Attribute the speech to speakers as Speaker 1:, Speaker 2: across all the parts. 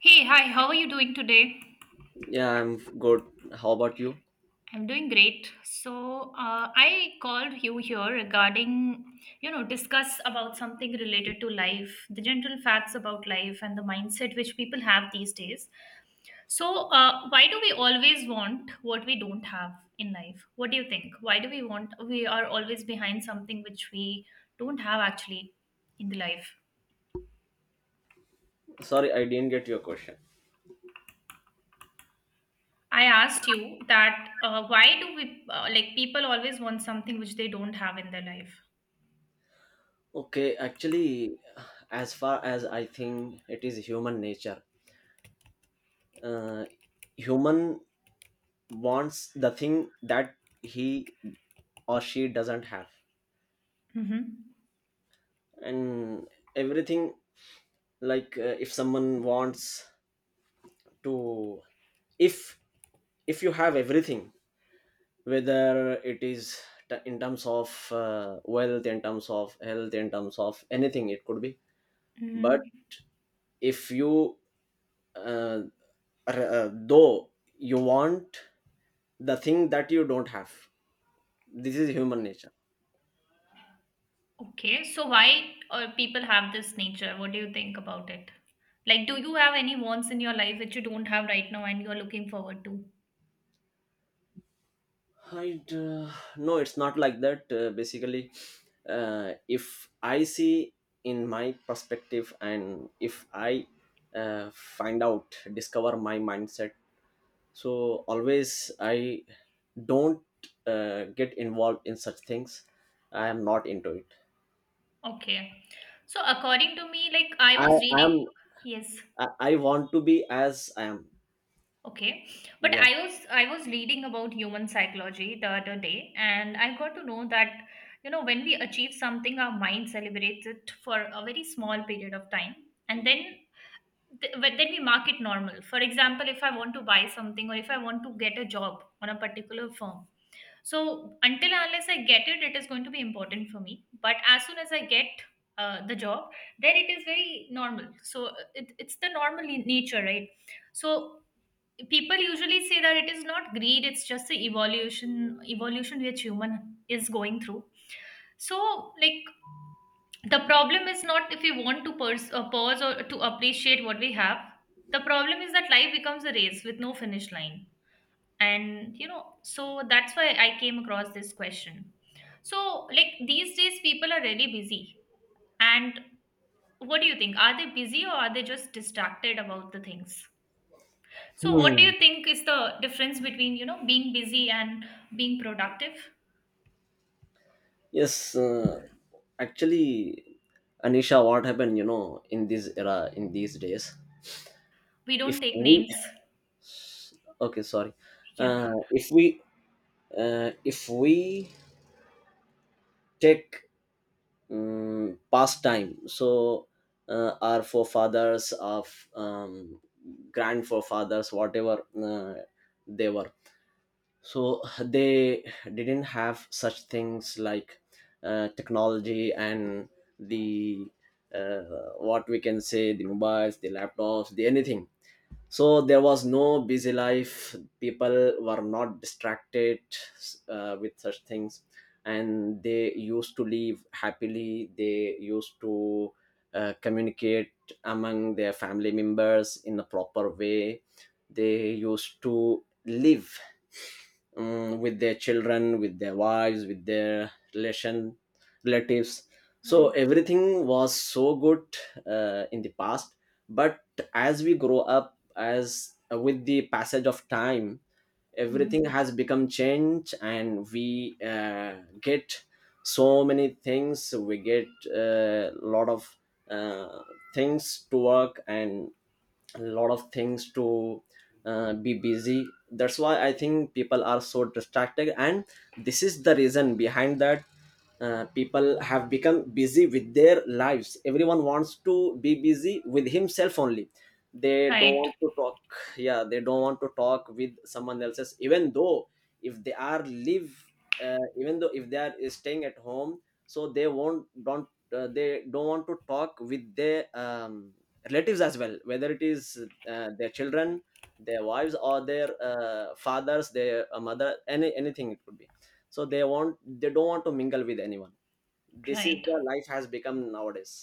Speaker 1: Hey, hi, how are you doing today?
Speaker 2: Yeah, I'm good. How about you?
Speaker 1: I'm doing great. So, I called you here regarding, you know, discuss about something related to life, the general facts about life and the mindset which people have these days. So, why do we always want what we don't have in life? What do you think? Why do we want, we are always behind something which we don't have actually in the life?
Speaker 2: Sorry, I didn't get your question.
Speaker 1: I asked you that why do we, like, people always want something which they don't have in their life?
Speaker 2: Okay, actually, as far as I think it is human nature, uh, human wants the thing that he or she doesn't have,
Speaker 1: Mm-hmm.
Speaker 2: and everything like if someone wants to, if if you have everything, whether it is in terms of wealth, in terms of health, in terms of anything, it could be, but
Speaker 1: Mm-hmm.
Speaker 2: if you uh, though you want the thing that you don't have, this is human nature
Speaker 1: Okay, so why people have this nature? What do you think about it? Like, do you have any wants in your life which you don't have right now and you're looking forward to?
Speaker 2: I No, it's not like that, basically, if I see in my perspective, and if I find out, discover my mindset, so always I don't get involved in such things. I am not into it.
Speaker 1: Okay. So according to me, like I
Speaker 2: I
Speaker 1: was
Speaker 2: am
Speaker 1: reading, yes,
Speaker 2: I want to be as I am.
Speaker 1: okay. But
Speaker 2: Yeah.
Speaker 1: I was reading about human psychology the other day, and I got to know that, you know, when we achieve something, our mind celebrates it for a very small period of time. And then but then we mark it normal. For example, if I want to buy something or if I want to get a job on a particular firm, so until and unless I get it, it is going to be important for me, but as soon as I get the job, then it is very normal. So it's the normal in nature, right? So people usually say that it is not greed, it's just the evolution which human is going through. So like the problem is not if we want to pause or to appreciate what we have. The problem is that life becomes a race with no finish line. And you know, so that's why I came across this question. So like these days people are really busy, and what do you think, are they busy or are they just distracted about the things? So what do
Speaker 2: Hmm.
Speaker 1: you think is the difference between, you know, being busy and being productive?
Speaker 2: Yes, actually, Anisha, what happened, you know, in this era, in these days,
Speaker 1: We
Speaker 2: if
Speaker 1: don't take
Speaker 2: we,
Speaker 1: names.
Speaker 2: okay, sorry,
Speaker 1: Yeah.
Speaker 2: uh, if we, if we take past time, so our forefathers of grand forefathers, whatever they were, so they didn't have such things like technology and the, what we can say, the mobiles, the laptops, the anything. So there was no busy life, people were not distracted with such things, and they used to live happily. They used to communicate among their family members in a proper way. They used to live with their children, with their wives, with their relation relatives. So
Speaker 1: Right.
Speaker 2: everything was so good in the past. But as we grow up, as with the passage of time, everything
Speaker 1: Mhm.
Speaker 2: has become changed, and we get so many things. We get a lot of uh, things to work and a lot of things to be busy. That's why I think people are so distracted, and this is the reason behind that. People have become busy with their lives. Everyone wants to be busy with himself only. They don't
Speaker 1: Right.
Speaker 2: want to talk. Yeah, they don't want to talk with someone else's, even though if they are live, even though if they are staying at home, so they won't don't, they don't want to talk with their relatives as well, whether it is their children, their wives, or their fathers, their mother, anything it could be. So they want, they don't want to mingle with anyone. This is
Speaker 1: Right.
Speaker 2: the life has become nowadays.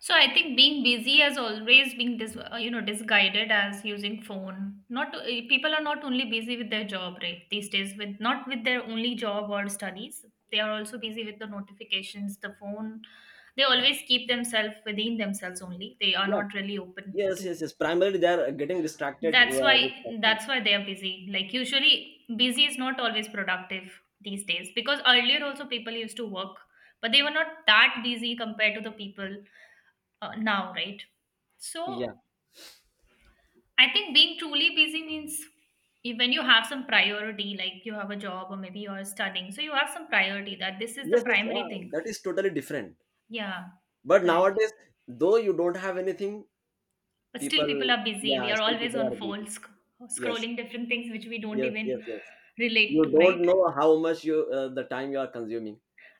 Speaker 1: So I think being busy has always been you know, disguided as using phone. Not to, eh, people are not only busy with their job right these days with not with their only job or studies. They are also busy with the notifications, the phone. They always keep themselves within themselves only. They are
Speaker 2: yeah
Speaker 1: not really open
Speaker 2: yes
Speaker 1: to.
Speaker 2: yes yes primarily they are getting distracted
Speaker 1: That's
Speaker 2: with
Speaker 1: why
Speaker 2: such things.
Speaker 1: that's why they are busy. Like usually busy is not always productive these days because earlier also people used to work, but they were not that busy compared to the people now, right? So
Speaker 2: yeah
Speaker 1: I think being truly busy means when you have some priority, like you have a job or maybe you're studying, so you have some priority that this is the
Speaker 2: yes
Speaker 1: primary
Speaker 2: yeah,
Speaker 1: thing.
Speaker 2: that is totally different.
Speaker 1: Yeah,
Speaker 2: But
Speaker 1: correct.
Speaker 2: nowadays, though you don't have anything
Speaker 1: But still, people
Speaker 2: people
Speaker 1: are busy. We
Speaker 2: yeah,
Speaker 1: are
Speaker 2: still
Speaker 1: always
Speaker 2: people
Speaker 1: on
Speaker 2: are busy.
Speaker 1: phones,
Speaker 2: yes
Speaker 1: scrolling different things which we don't
Speaker 2: yes yes
Speaker 1: even
Speaker 2: yes
Speaker 1: relate
Speaker 2: You
Speaker 1: to, right?
Speaker 2: don't know how much you the time you are consuming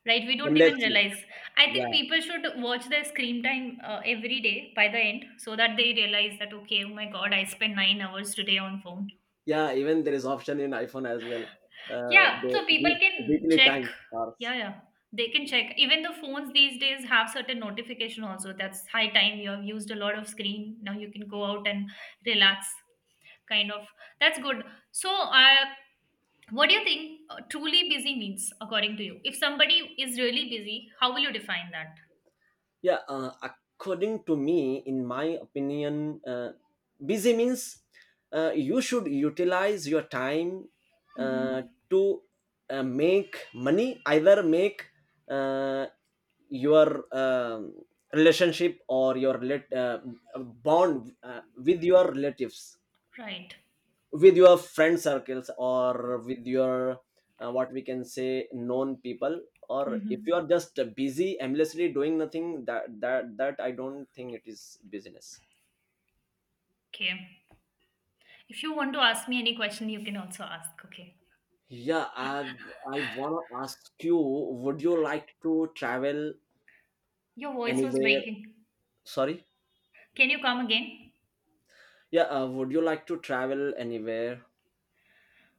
Speaker 1: Right, we don't even
Speaker 2: endlessly.
Speaker 1: realize. I think people should watch their screen time every day by the end so that they realize that, okay, oh my god, I spent 9 hours today on phone.
Speaker 2: Yeah, even there is option in iPhone as well.
Speaker 1: Yeah, so people
Speaker 2: They give
Speaker 1: can
Speaker 2: weekly
Speaker 1: check.
Speaker 2: time hours.
Speaker 1: Yeah, yeah. They can check. Even the phones these days have certain notification also. That's high time you have used a lot of screen. Now you can go out and relax. Kind of. That's good. So, what do you think truly busy means according to you? If somebody is really busy, how will you define that?
Speaker 2: Yeah, according to me, in my opinion, busy means you should utilize your time uh,
Speaker 1: Mm-hmm.
Speaker 2: to make money, either make uh, your relationship or your bond with your relatives,
Speaker 1: Right.
Speaker 2: with your friend circles, or with your what we can say, known people. Or if
Speaker 1: Mm-hmm.
Speaker 2: you are just busy aimlessly doing nothing, that I don't think it is business.
Speaker 1: Okay. If you want to ask me any question, you can also ask. Okay.
Speaker 2: Yeah, I want to ask you, would you like to travel
Speaker 1: Your voice was
Speaker 2: anywhere?
Speaker 1: breaking.
Speaker 2: Sorry.
Speaker 1: Can you come again?
Speaker 2: Yeah, would you like to travel anywhere?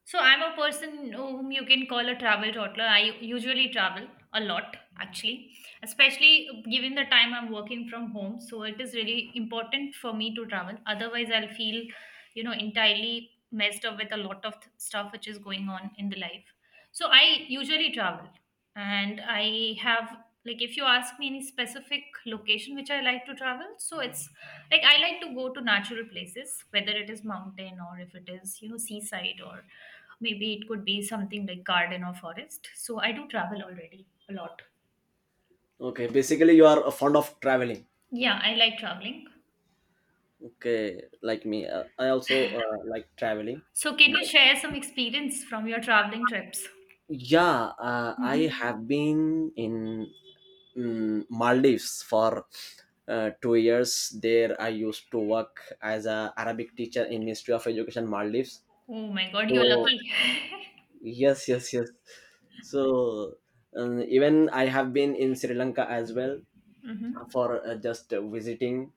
Speaker 1: So I'm a person whom you can call a travel toddler. I usually travel a lot, actually, especially given the time I'm working from home. So it is really important for me to travel. Otherwise, I'll feel, you know, entirely messed up with a lot of stuff which is going on in the life. So I usually travel, and I have like if you ask me any specific location which I like to travel, so it's like I like to go to natural places, whether it is mountain or if it is, you know, seaside or maybe it could be something like garden or forest. So I do travel already a lot.
Speaker 2: Okay, basically you are fond of traveling.
Speaker 1: Yeah, I like traveling.
Speaker 2: Okay, like me, I also like traveling.
Speaker 1: So can you share some experience from your traveling trips?
Speaker 2: Yeah, I
Speaker 1: Hmm.
Speaker 2: have been in Maldives for 2 years. There, I used to work as a Arabic teacher in Ministry of Education Maldives.
Speaker 1: Oh my God,
Speaker 2: So
Speaker 1: you're lucky.
Speaker 2: yes, yes, yes. So even I have been in Sri Lanka as well
Speaker 1: Hmm.
Speaker 2: for just visiting.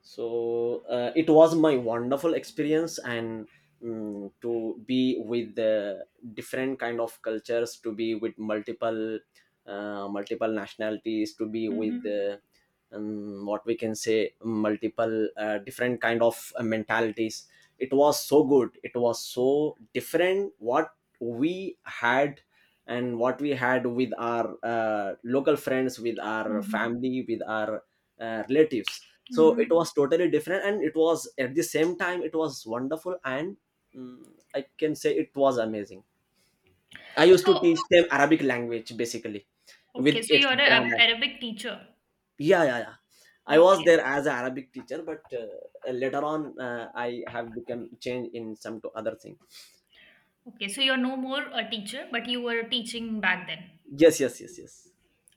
Speaker 2: So it was my wonderful experience, and to be with the different kind of cultures, to be with multiple, multiple nationalities, to be with
Speaker 1: Hmm.
Speaker 2: what we can say, multiple different kind of mentalities. It was so good. It was so different what we had, and what we had with our local friends, with our
Speaker 1: Hmm.
Speaker 2: family, with our relatives. So it
Speaker 1: Hmm.
Speaker 2: was totally different, and it was at the same time, it was wonderful and, mm, I can say, it was amazing. I used to
Speaker 1: So,
Speaker 2: teach them Arabic language basically, with
Speaker 1: okay, so
Speaker 2: its
Speaker 1: you're an
Speaker 2: grammar.
Speaker 1: Arabic teacher.
Speaker 2: Yeah, I was
Speaker 1: Okay.
Speaker 2: there as an Arabic teacher, but later on, I have become changed in some to other thing.
Speaker 1: Okay, so you're no more a teacher, but you were teaching back then.
Speaker 2: Yes.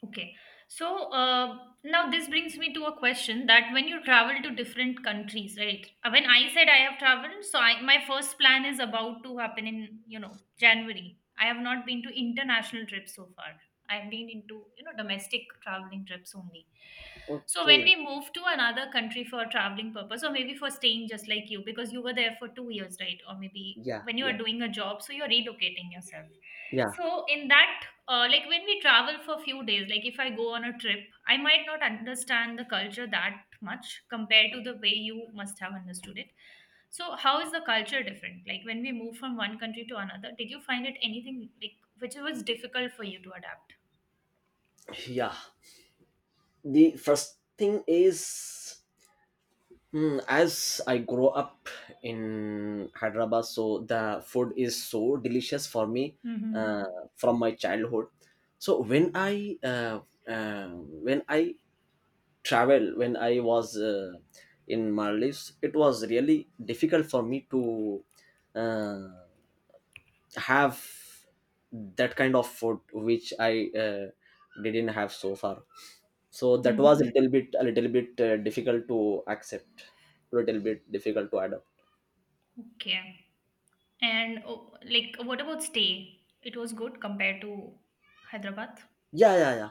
Speaker 1: Okay. So now this brings me to a question that when you travel to different countries, right? When I said I have traveled, so I, my first plan is about to happen in, you know, January. I have not been to international trips so far. I've been into, you know, domestic traveling trips only. So when
Speaker 2: Okay.
Speaker 1: we move to another country for traveling purpose, or maybe for staying just like you, because you were there for 2 years, right? Or maybe
Speaker 2: yeah
Speaker 1: when you are
Speaker 2: yeah
Speaker 1: doing a job, so you're relocating yourself.
Speaker 2: yeah
Speaker 1: So in that like when we travel for a few days, like if I go on a trip, I might not understand the culture that much compared to the way you must have understood it. So how is the culture different, like when we move from one country to another, did you find it anything like which was difficult for you to adapt?
Speaker 2: yeah, the first thing is, as I grow up in Hyderabad, so the food is so delicious for me,
Speaker 1: Mm-hmm.
Speaker 2: uh, from my childhood. So when I uh, when i travel, when I was in Maldives, it was really difficult for me to uh, have that kind of food which I didn't have so far. So that was
Speaker 1: Mm-hmm.
Speaker 2: a little bit difficult to accept, a little bit difficult to adapt.
Speaker 1: Okay. And oh, like what about stay, it was good compared to Hyderabad?
Speaker 2: Yeah,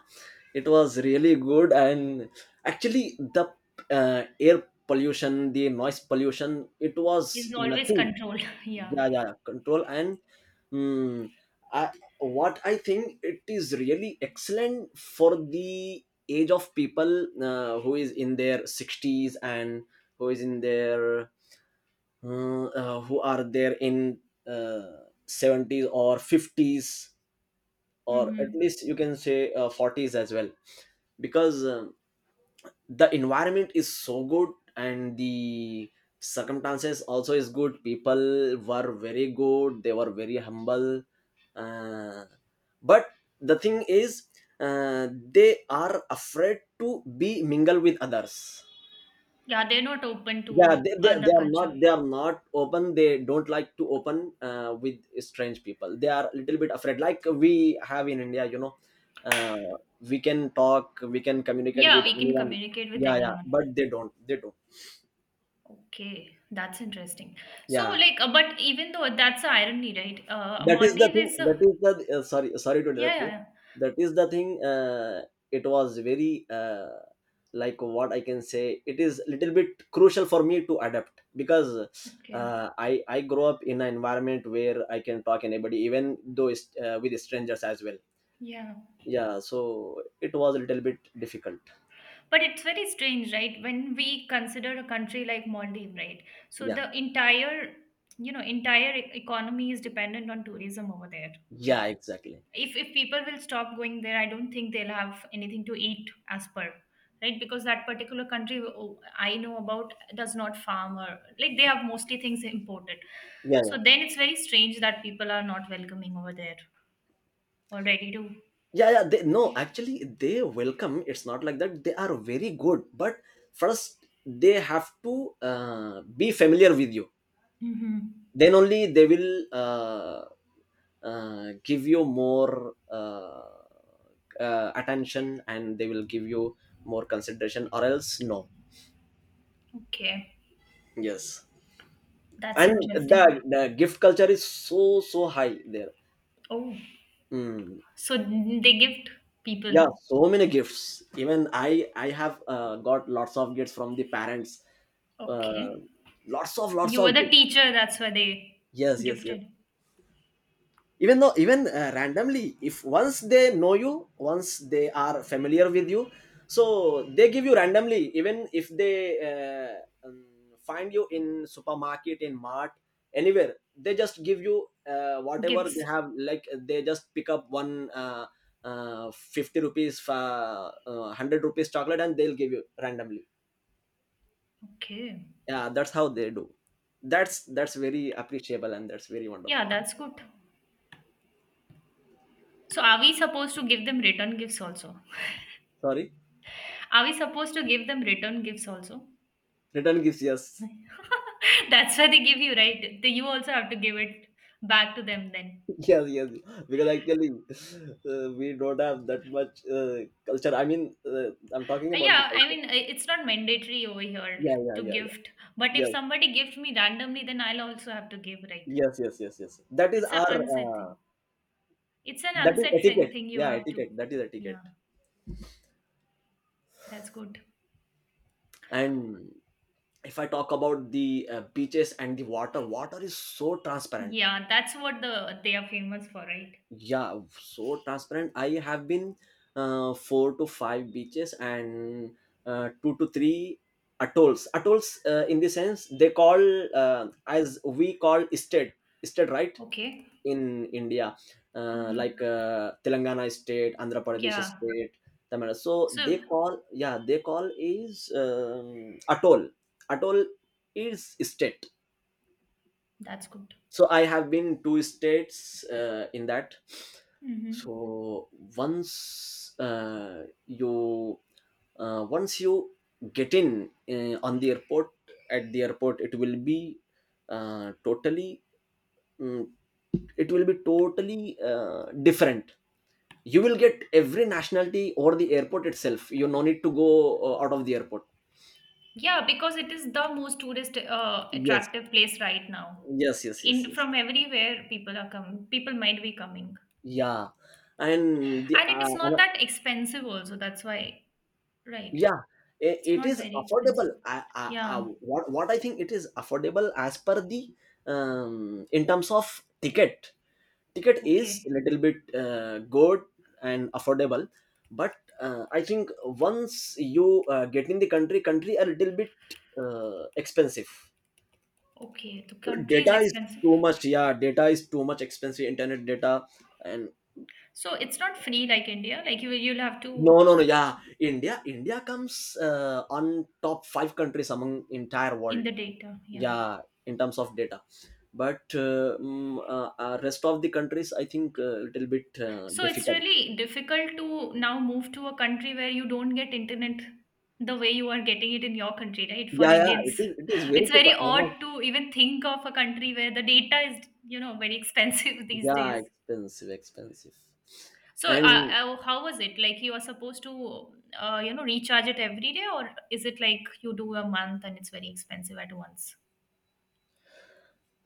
Speaker 2: it was really good. And actually, the air pollution, the noise pollution, it
Speaker 1: It's
Speaker 2: was
Speaker 1: always
Speaker 2: nothing.
Speaker 1: controlled yeah.
Speaker 2: Yeah, control, and mm, I, what I think, it is really excellent for the age of people who is in their 60s, and who is in their who are there in 70s or 50s, or at
Speaker 1: Mm-hmm.
Speaker 2: least you can say, 40s as well. Because the environment is so good, and the circumstances also is good. People were very good, they were very humble, uh, but the thing is, they are afraid to be mingle with others.
Speaker 1: Yeah, they're not open
Speaker 2: Yeah,
Speaker 1: to other
Speaker 2: they are
Speaker 1: culture.
Speaker 2: not, they are not open. They don't like to open with strange people. They are a little bit afraid. Like we have in India, you know, uh, we can talk, we can communicate
Speaker 1: Yeah,
Speaker 2: with
Speaker 1: we can
Speaker 2: anyone.
Speaker 1: communicate with
Speaker 2: Yeah, yeah,
Speaker 1: anyone.
Speaker 2: but they don't, they don't.
Speaker 1: Okay, that's interesting. So,
Speaker 2: yeah
Speaker 1: like, but even though that's the irony, right?
Speaker 2: that is the thing,
Speaker 1: Maldives is,
Speaker 2: that
Speaker 1: a
Speaker 2: is the sorry, sorry to
Speaker 1: yeah,
Speaker 2: interrupt
Speaker 1: yeah,
Speaker 2: you.
Speaker 1: yeah.
Speaker 2: That is the thing. It was very like what I can say, it is little bit crucial for me to adapt, because
Speaker 1: Okay,
Speaker 2: I grow up in an environment where I can talk anybody, even though it's, with strangers as well.
Speaker 1: yeah.
Speaker 2: Yeah, so it was a little bit difficult.
Speaker 1: But it's very strange, right? When we consider a country like Maldives, right? So
Speaker 2: yeah
Speaker 1: the entire, you know, entire economy is dependent on tourism over there. Like
Speaker 2: yeah exactly.
Speaker 1: if people will stop going there, I don't think they'll have anything to eat as per right, because that particular country, oh, I know about, does not farm, or like they have mostly things imported.
Speaker 2: yeah yeah.
Speaker 1: So then it's very strange that people are not welcoming over there already. Ready to.
Speaker 2: yeah yeah they, no, actually they welcome. It's not like that. They are very good, but first they have to be familiar with you,
Speaker 1: Hmm.
Speaker 2: then only they will give you more attention, and they will give you more consideration, or else no.
Speaker 1: Okay,
Speaker 2: Yes.
Speaker 1: that's
Speaker 2: And
Speaker 1: interesting.
Speaker 2: the gift culture is so so high there.
Speaker 1: Oh,
Speaker 2: Hmm.
Speaker 1: so they gift
Speaker 2: Yeah,
Speaker 1: people.
Speaker 2: so many gifts. Even I have got lots of gifts from the parents, uh,
Speaker 1: Okay,
Speaker 2: lots
Speaker 1: you were
Speaker 2: of
Speaker 1: the
Speaker 2: gifts.
Speaker 1: teacher, that's why they
Speaker 2: Yes,
Speaker 1: gifted
Speaker 2: even though, even randomly, if once they know you, once they are familiar with you, so they give you randomly, even if they uh, um, find you in supermarket, in mart, anywhere, they just give you whatever
Speaker 1: gifts.
Speaker 2: they have. Like, they just pick up one, 50 rupees, 100 rupees chocolate, and they'll give you randomly.
Speaker 1: Okay.
Speaker 2: Yeah, that's how they do. That's very appreciable, and that's very wonderful.
Speaker 1: Yeah, that's good. So are we supposed to give them return gifts also?
Speaker 2: Sorry?
Speaker 1: Are we supposed to give them return gifts also?
Speaker 2: Return gives, yes.
Speaker 1: That's why they give you, right? The, you also have to give it back to them then.
Speaker 2: Yes, yes, because actually, we don't have that much culture, I mean, uh, I'm talking about the
Speaker 1: Yeah, I
Speaker 2: culture.
Speaker 1: mean, it's not mandatory over here
Speaker 2: yeah yeah
Speaker 1: to
Speaker 2: yeah yeah
Speaker 1: gift, but if somebody gift me randomly, then I'll also have to give, right?
Speaker 2: yes, yes, yes, yes, yes, that is
Speaker 1: It's an
Speaker 2: our,
Speaker 1: unsaid thing. It's an
Speaker 2: that is
Speaker 1: unsaid thing
Speaker 2: etiquette.
Speaker 1: thing you
Speaker 2: Yeah,
Speaker 1: have to.
Speaker 2: etiquette, that is
Speaker 1: Yeah,
Speaker 2: etiquette.
Speaker 1: that's good.
Speaker 2: And if I talk about the beaches and the water is so transparent.
Speaker 1: Yeah, that's what the they are famous for, right?
Speaker 2: Yeah, so transparent. I have been four to five beaches, and two to three atolls. Atolls, in the sense, they call, as we call state. State, right?
Speaker 1: Okay.
Speaker 2: In India,
Speaker 1: Mm-hmm.
Speaker 2: like, Telangana state, Andhra Pradesh
Speaker 1: Yeah.
Speaker 2: state, Tamil Nadu. So
Speaker 1: So
Speaker 2: they call yeah, they call is, atoll. Atoll is state.
Speaker 1: that's good.
Speaker 2: So I have been two states in that.
Speaker 1: Mm-hmm.
Speaker 2: So once uh, you once you get in, on the airport at the airport it will be uh, totally mm, it will be totally different. You will get every nationality over the airport itself, you no need to go out of the airport.
Speaker 1: Yeah, because it is the most tourist
Speaker 2: Yes,
Speaker 1: attractive place right now.
Speaker 2: yes, yes, yes,
Speaker 1: In
Speaker 2: yes.
Speaker 1: from everywhere people are coming. People might be coming.
Speaker 2: Yeah, and the
Speaker 1: And it is not that expensive also. That's why, right?
Speaker 2: yeah,
Speaker 1: It's
Speaker 2: it
Speaker 1: not
Speaker 2: is
Speaker 1: very expensive.
Speaker 2: affordable. I, I, I,
Speaker 1: Yeah.
Speaker 2: what, what i think it is affordable as per the, in terms of ticket. Ticket is a
Speaker 1: Okay.
Speaker 2: little bit good and affordable, but I think once you get in the country, a little bit expensive.
Speaker 1: Okay. The country is
Speaker 2: Data is
Speaker 1: expensive.
Speaker 2: too much, yeah, data is too much expensive, internet data. And
Speaker 1: So it's not free like India. Like you will, you'll have
Speaker 2: no,
Speaker 1: to
Speaker 2: no, no, yeah, India comes on top 5 countries among entire
Speaker 1: in
Speaker 2: world.
Speaker 1: the data. Yeah.
Speaker 2: Yeah, in terms of data, but rest of the countries I think a little bit
Speaker 1: So it's
Speaker 2: difficult.
Speaker 1: really difficult to now move to a country where you don't get internet the way you are getting it in your country, right? For
Speaker 2: Yeah, yeah, it
Speaker 1: Indians,
Speaker 2: is it is very
Speaker 1: it's very
Speaker 2: difficult, I was.
Speaker 1: odd to even think of a country where the data is, you know, very expensive these
Speaker 2: Yeah,
Speaker 1: days.
Speaker 2: expensive, expensive.
Speaker 1: So,
Speaker 2: And
Speaker 1: how was it? Like you are supposed to, you know, recharge it every day, or is it like you do a month and it's very expensive at once?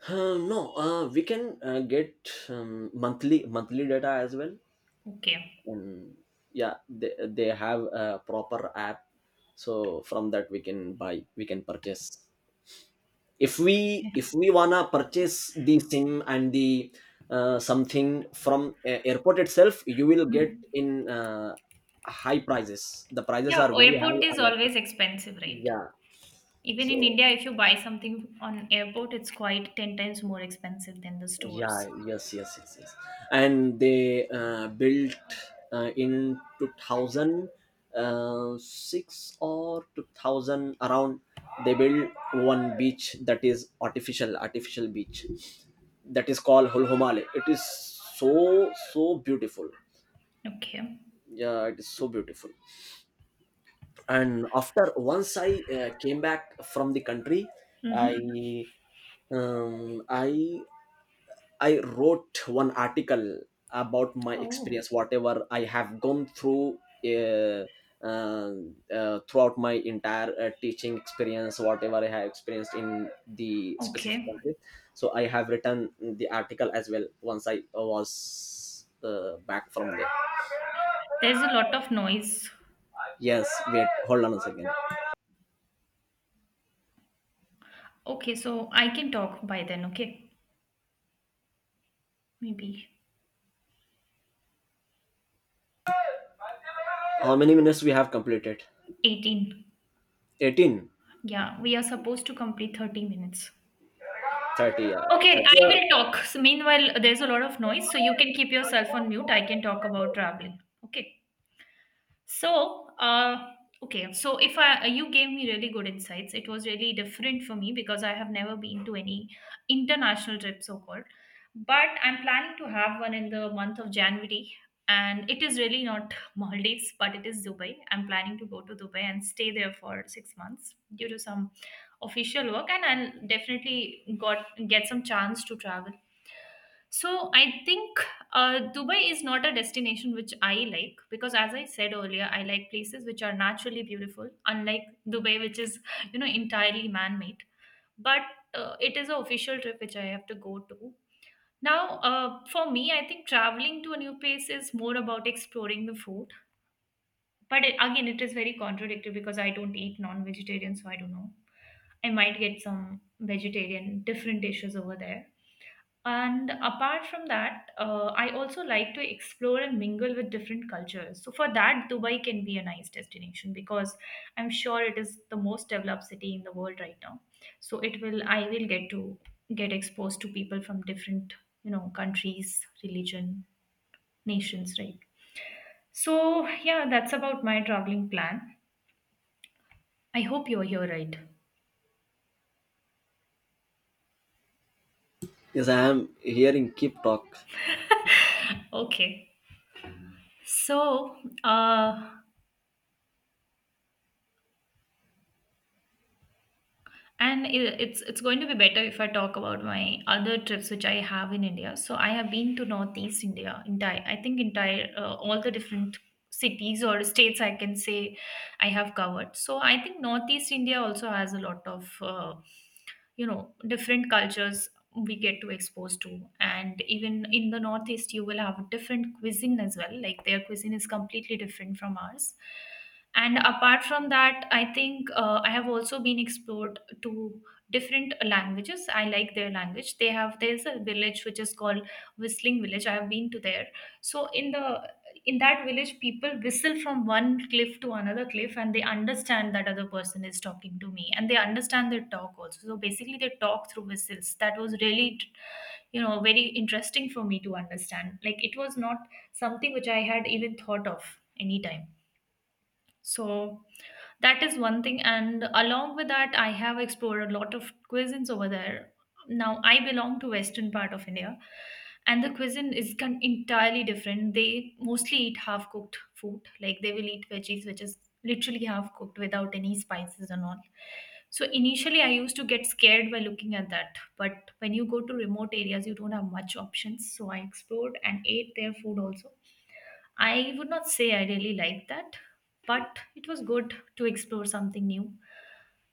Speaker 2: no, we can get monthly, data as well.
Speaker 1: Okay.
Speaker 2: And yeah, they have a proper app, so from that we can buy, we can purchase, if we
Speaker 1: Okay.
Speaker 2: if we wanna purchase the sim and the something from airport itself. You will get
Speaker 1: Mm.
Speaker 2: in high prices, the prices
Speaker 1: Yeah,
Speaker 2: are very high
Speaker 1: airport is
Speaker 2: on airport.
Speaker 1: always expensive, right?
Speaker 2: Yeah,
Speaker 1: Even in
Speaker 2: so
Speaker 1: India, if you buy something on airport, it's quite 10 times more expensive than the
Speaker 2: yeah,
Speaker 1: stores.
Speaker 2: yes, yes, yes, yes. And they built in 2006 or 2000 around, they built one beach that is artificial, beach, that is called holhomale. It is so, beautiful.
Speaker 1: Okay.
Speaker 2: Yeah, it is so beautiful. And after once I came back from the country,
Speaker 1: Mm-hmm.
Speaker 2: i um, i I wrote one article about my
Speaker 1: Oh,
Speaker 2: experience, whatever I have gone through, uh, uh, throughout my entire teaching experience, whatever I have experienced in the specific
Speaker 1: okay.
Speaker 2: country. So I have written the article as well, once I was back from there.
Speaker 1: There's a lot of noise.
Speaker 2: Yes, wait, hold on a second.
Speaker 1: Okay, so I can talk by then, okay? Maybe
Speaker 2: How many minutes we have completed?
Speaker 1: 18.
Speaker 2: 18,
Speaker 1: Yeah, we are supposed to complete 30 minutes.
Speaker 2: 30, yeah.
Speaker 1: Okay,
Speaker 2: 30.
Speaker 1: I will talk. So meanwhile, there's a lot of noise, so you can keep yourself on mute. I can talk about traveling. Okay. So, okay. So, if I you gave me really good insights, it was really different for me because I have never been to any international trip, so called. But I'm planning to have one in the month of January, and it is really not Maldives, but it is Dubai. I'm planning to go to Dubai and stay there for 6 months due to some official work, and I'll definitely got get some chance to travel. So I think Dubai is not a destination which I like because, as I said earlier, I like places which are naturally beautiful, unlike Dubai, which is entirely man-made. But it is an official trip which I have to go to. Now, for me, I think traveling to a new place is more about exploring the food. But it, again, it is very contradictory because I don't eat non-vegetarian, so I don't know. I might get some vegetarian different dishes over there, and apart from that, I also like to explore and mingle with different cultures. So for that, Dubai can be a nice destination because I'm sure it is the most developed city in the world right now. So I will get to get exposed to people from different, you know, countries, religion, nations, right? So yeah, that's about my traveling plan. I hope you're here, right?
Speaker 2: Yes, I am hearing, keep talk.
Speaker 1: Okay. So, uh, it's going to be better if I talk about my other trips which I have in india. So I have been to northeast india entire, I think entire all the different cities or states I can say I have covered. So I think northeast india also has a lot of you know different cultures we get to expose to, and even in the northeast you will have different cuisine as well. Like their cuisine is completely different from ours, and apart from that I think I have also been explored to different languages. I like their language they have. There's a village which is called whistling village, I have been to there. So in the in that village, people whistle from one cliff to another cliff and they understand that other person is talking to me, and they understand their talk also. So basically they talk through whistles. That was really, you know, very interesting for me to understand. Like it was not something which I had even thought of anytime. So that is one thing. And along with that, I have explored a lot of cuisines over there. Now I belong to western part of India, and the cuisine is entirely different. They mostly eat half cooked food, like they will eat veggies, which is literally half cooked without any spices and all. So initially, I used to get scared by looking at that. But when you go to remote areas, you don't have much options. So I explored and ate their food also. I would not say I really liked that, but it was good to explore something new.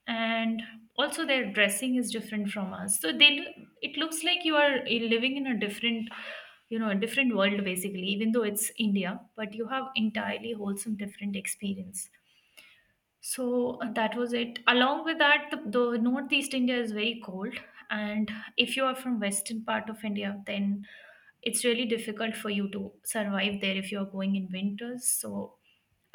Speaker 1: And also, their dressing is different from us, so it looks like you are living in a different, you know, a different world basically. Even though it's India, but you have entirely wholesome different experience. So that was it. Along with that, the Northeast India is very cold, and if you are from western part of India, then it's really difficult for you to survive there if you are going in winters. So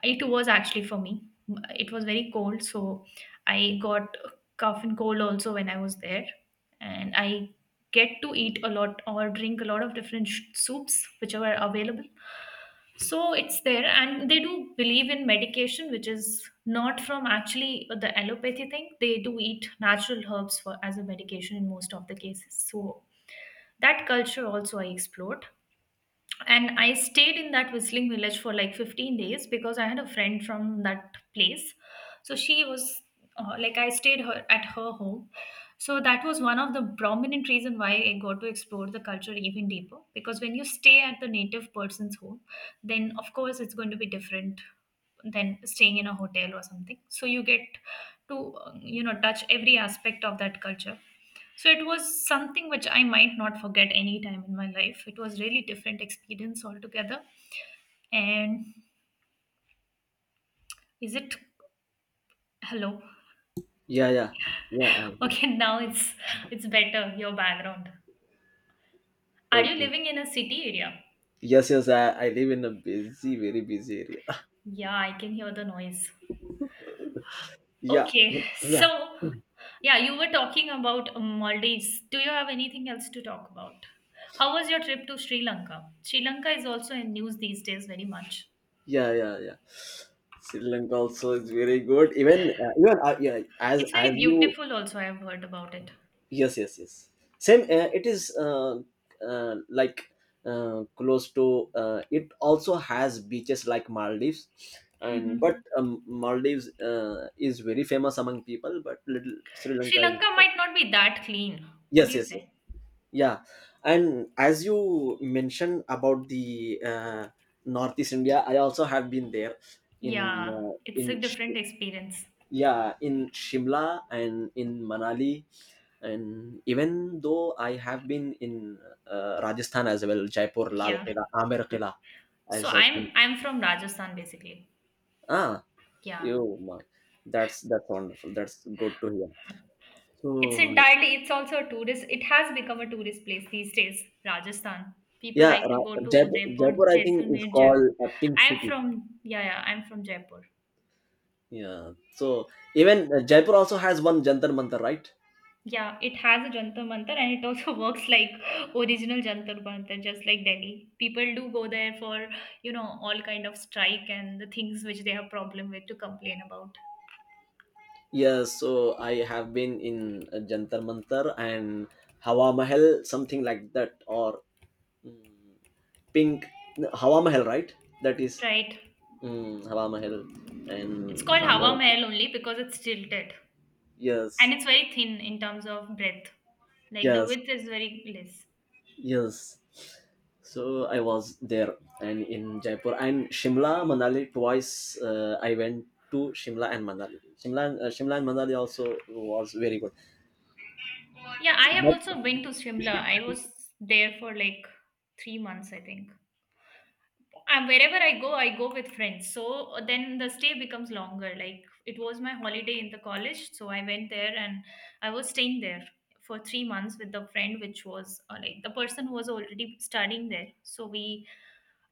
Speaker 1: it was actually for me. It was very cold, so I got cough and cold also when I was there, and I get to eat a lot or drink a lot of different soups which are available. So it's there, and they do believe in medication which is not from actually the allopathy thing. They do eat natural herbs for as a medication in most of the cases. So that culture also I explored, and I stayed in that whistling village for like 15 days because I had a friend from that place. So she was, like, I stayed her at her home. So that was one of the prominent reason why I got to explore the culture even deeper, because when you stay at the native person's home, then of course it's going to be different than staying in a hotel or something. So you get to you know, touch every aspect of that culture. So it was something which I might not forget any time in my life. It was really different experience altogether. And is it, hello?
Speaker 2: Yeah, yeah, yeah.
Speaker 1: Okay, now it's better your background. Are you
Speaker 2: Okay.
Speaker 1: living in a city area?
Speaker 2: Yes, yes, I live in a busy, very busy area.
Speaker 1: Yeah, I can hear the noise.
Speaker 2: Yeah,
Speaker 1: Okay,
Speaker 2: yeah.
Speaker 1: so yeah, you were talking about Maldives. Do you have anything else to talk about? How was your trip to Sri Lanka? Sri Lanka is also in news these days very much.
Speaker 2: Yeah, yeah, yeah. Sri Lanka also is very good. Even yeah, as
Speaker 1: It's very
Speaker 2: as you.
Speaker 1: beautiful also, I have heard about it.
Speaker 2: Yes, yes, yes. Same. It is like close to. It also has beaches like Maldives, and but
Speaker 1: Mhm.
Speaker 2: Maldives is very famous among people, but little Sri
Speaker 1: Sri
Speaker 2: Lanka is,
Speaker 1: Lanka
Speaker 2: yes,
Speaker 1: might not be that clean. What do
Speaker 2: yes,
Speaker 1: you
Speaker 2: yes.
Speaker 1: say?
Speaker 2: Yeah, and as you mentioned about the Northeast India, I also have been there, in
Speaker 1: Yeah, it's a different experience.
Speaker 2: yeah, in Shimla and in Manali. And even though I have been in Rajasthan as well, Jaipur, Lal
Speaker 1: Yeah.
Speaker 2: Qila, Amer Qila,
Speaker 1: So
Speaker 2: as I think.
Speaker 1: I'm from Rajasthan basically.
Speaker 2: Ah,
Speaker 1: Yeah.
Speaker 2: you my, that's wonderful. That's good to hear.
Speaker 1: It's
Speaker 2: So
Speaker 1: entirely, it's also a tourist, it has become a tourist place these days, Rajasthan. People
Speaker 2: yeah,
Speaker 1: like to go to
Speaker 2: Jaipur,
Speaker 1: Udaipur,
Speaker 2: Jaipur I think is
Speaker 1: Jaisalmer, Jaipur.
Speaker 2: called a pink
Speaker 1: I'm
Speaker 2: city.
Speaker 1: from yeah, yeah, I'm from Jaipur.
Speaker 2: Yeah. So even Jaipur also has one Jantar Mantar, right?
Speaker 1: Yeah, it has a Jantar Mantar, and it also works like original Jantar Mantar, just like Delhi. People do go there for, you know, all kind of strike and the things which they have problem with to complain about.
Speaker 2: Yes. So I have been in Jantar Mantar and Hawa Mahal, something like that, or mm, Pink, no, Hawa Mahal, right? That is
Speaker 1: Right.
Speaker 2: Hawa Mahal
Speaker 1: It's
Speaker 2: and
Speaker 1: called Hawa
Speaker 2: Amer.
Speaker 1: Mahal only because it's tilted, and
Speaker 2: Yes.
Speaker 1: it's very thin in terms of breadth. Like the
Speaker 2: Yes.
Speaker 1: width is very less.
Speaker 2: Yes. So I was there, and in Jaipur and Shimla, Manali twice. I went to Shimla and Manali. Shimla, Shimla and Manali also was very good.
Speaker 1: Yeah, I have also been to Shimla. I was there for like 3 months, I think. And wherever I go with friends. So then the stay becomes longer. Like it was my holiday in the college, so I went there and I was staying there for 3 months with the friend, which was, like the person who was already studying there. So we,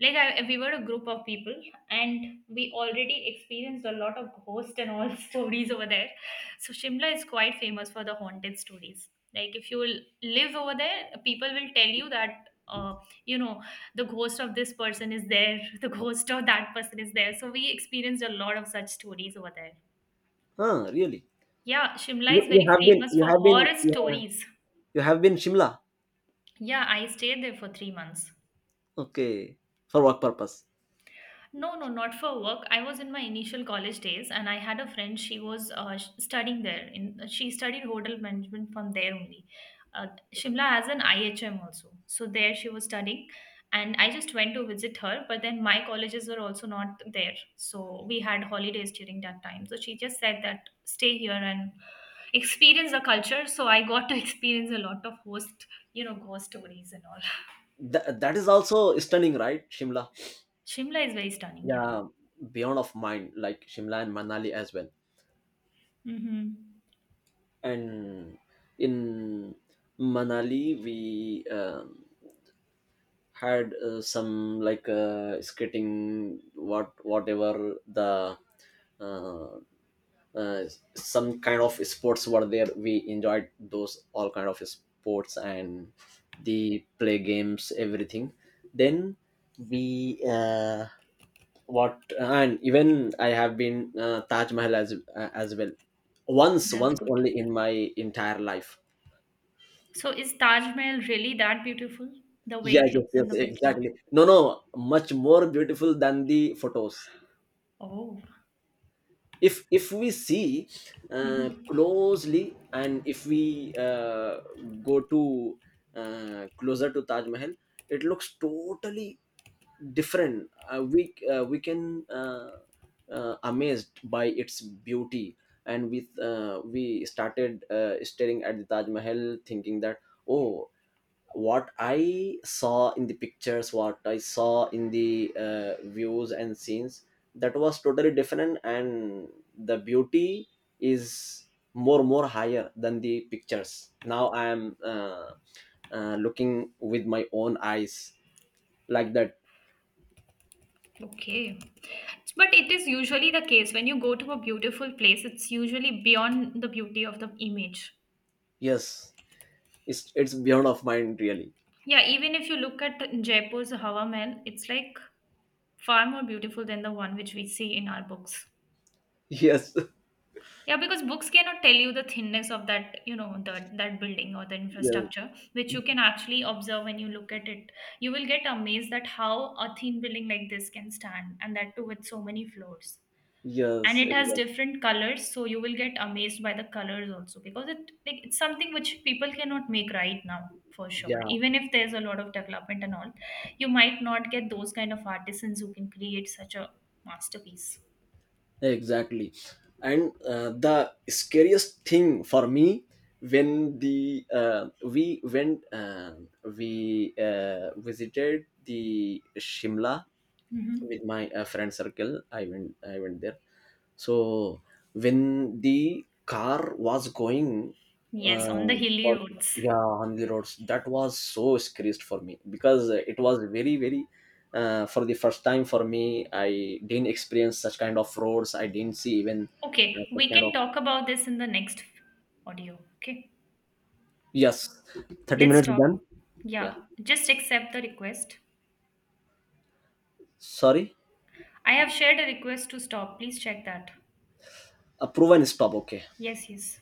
Speaker 1: we were a group of people, and we already experienced a lot of ghost and all stories over there. So shimla is quite famous for the haunted stories. Like if you will live over there, people will tell you that uh, you know, the ghost of this person is there, the ghost of that person is there. So we experienced a lot of such stories over there.
Speaker 2: Huh? Really?
Speaker 1: Yeah, Shimla
Speaker 2: You
Speaker 1: is
Speaker 2: you
Speaker 1: very
Speaker 2: have been
Speaker 1: famous
Speaker 2: you
Speaker 1: for
Speaker 2: have been
Speaker 1: horror stories.
Speaker 2: you have been Shimla.
Speaker 1: Yeah, I stayed there for 3 months.
Speaker 2: Okay, for work purpose.
Speaker 1: No, no, not for work. I was in my initial college days, and I had a friend. She was studying there. In She studied hotel management from there only. Uh, Shimla has an IHM also, so there she was studying, and I just went to visit her. But then my colleges were also not there, so we had holidays during that time. So she just said that stay here and experience the culture. So I got to experience a lot of ghost stories and all.
Speaker 2: That is also stunning, right? Shimla.
Speaker 1: Shimla is very stunning. Yeah.
Speaker 2: Yeah, beyond of mind, like Shimla and Manali as well.
Speaker 1: Mm-hmm.
Speaker 2: And in Manali, we um, had some like skating, whatever the uh, uh, some kind of sports were there. We enjoyed those, all kind of sports, and the play games, everything. Then we what and even I have been Taj Mahal as well, once
Speaker 1: That's
Speaker 2: once
Speaker 1: good.
Speaker 2: only in my entire life.
Speaker 1: So is Taj Mahal really that beautiful? The way
Speaker 2: Yes,
Speaker 1: it
Speaker 2: yes,
Speaker 1: looks in
Speaker 2: yes,
Speaker 1: the picture.
Speaker 2: exactly. No, no, much more beautiful than the photos,
Speaker 1: Oh.
Speaker 2: if we see
Speaker 1: Mhm.
Speaker 2: closely, and if we go to closer to Taj Mahal, it looks totally different. We can amazed by its beauty. And with we started staring at the Taj Mahal, thinking that, oh, what I saw in the pictures, what I saw in the views and scenes, that was totally different. And the beauty is more higher than the pictures. Now I am looking with my own eyes, like that.
Speaker 1: Okay. But it is usually the case when you go to a beautiful place, it's usually beyond the beauty of the image.
Speaker 2: Yes, it's beyond of mind, really.
Speaker 1: Yeah, even if you look at Jaipur's Hawa Mahal, it's like far more beautiful than the one which we see in our books.
Speaker 2: Yes,
Speaker 1: Yeah, because books cannot tell you the thinness of that, you know, the, that building or the
Speaker 2: yes,
Speaker 1: infrastructure, which you can actually observe when you look at it. You will get amazed at how a thin building like this can stand, and that too with so many floors. And
Speaker 2: yes,
Speaker 1: it has
Speaker 2: exactly.
Speaker 1: different colors, so you will get amazed by the colors also, because it, like, it's something which people cannot make right now for sure.
Speaker 2: Yeah.
Speaker 1: Even if there's a lot of development and all, you might not get those kind of artisans who can create such a masterpiece.
Speaker 2: Exactly. And the scariest thing for me, when the we went we visited the Shimla
Speaker 1: Hmm.
Speaker 2: with my friend circle. I went there. So when the car was going,
Speaker 1: Yes, on the
Speaker 2: uh,
Speaker 1: hilly
Speaker 2: for-
Speaker 1: roads.
Speaker 2: yeah, on the roads, that was so scariest for me, because it was very, very. For the first time for me, I didn't experience such kind of roads. I didn't see even
Speaker 1: Okay,
Speaker 2: such
Speaker 1: we
Speaker 2: kind
Speaker 1: can
Speaker 2: of.
Speaker 1: talk about this in the next audio. Okay,
Speaker 2: Yes. Thirty
Speaker 1: let's
Speaker 2: minutes
Speaker 1: stop.
Speaker 2: done. Yeah.
Speaker 1: Yeah, just accept the request.
Speaker 2: Sorry.
Speaker 1: I have shared a request to stop. Please check that.
Speaker 2: Approve and stop. Okay.
Speaker 1: Yes, yes.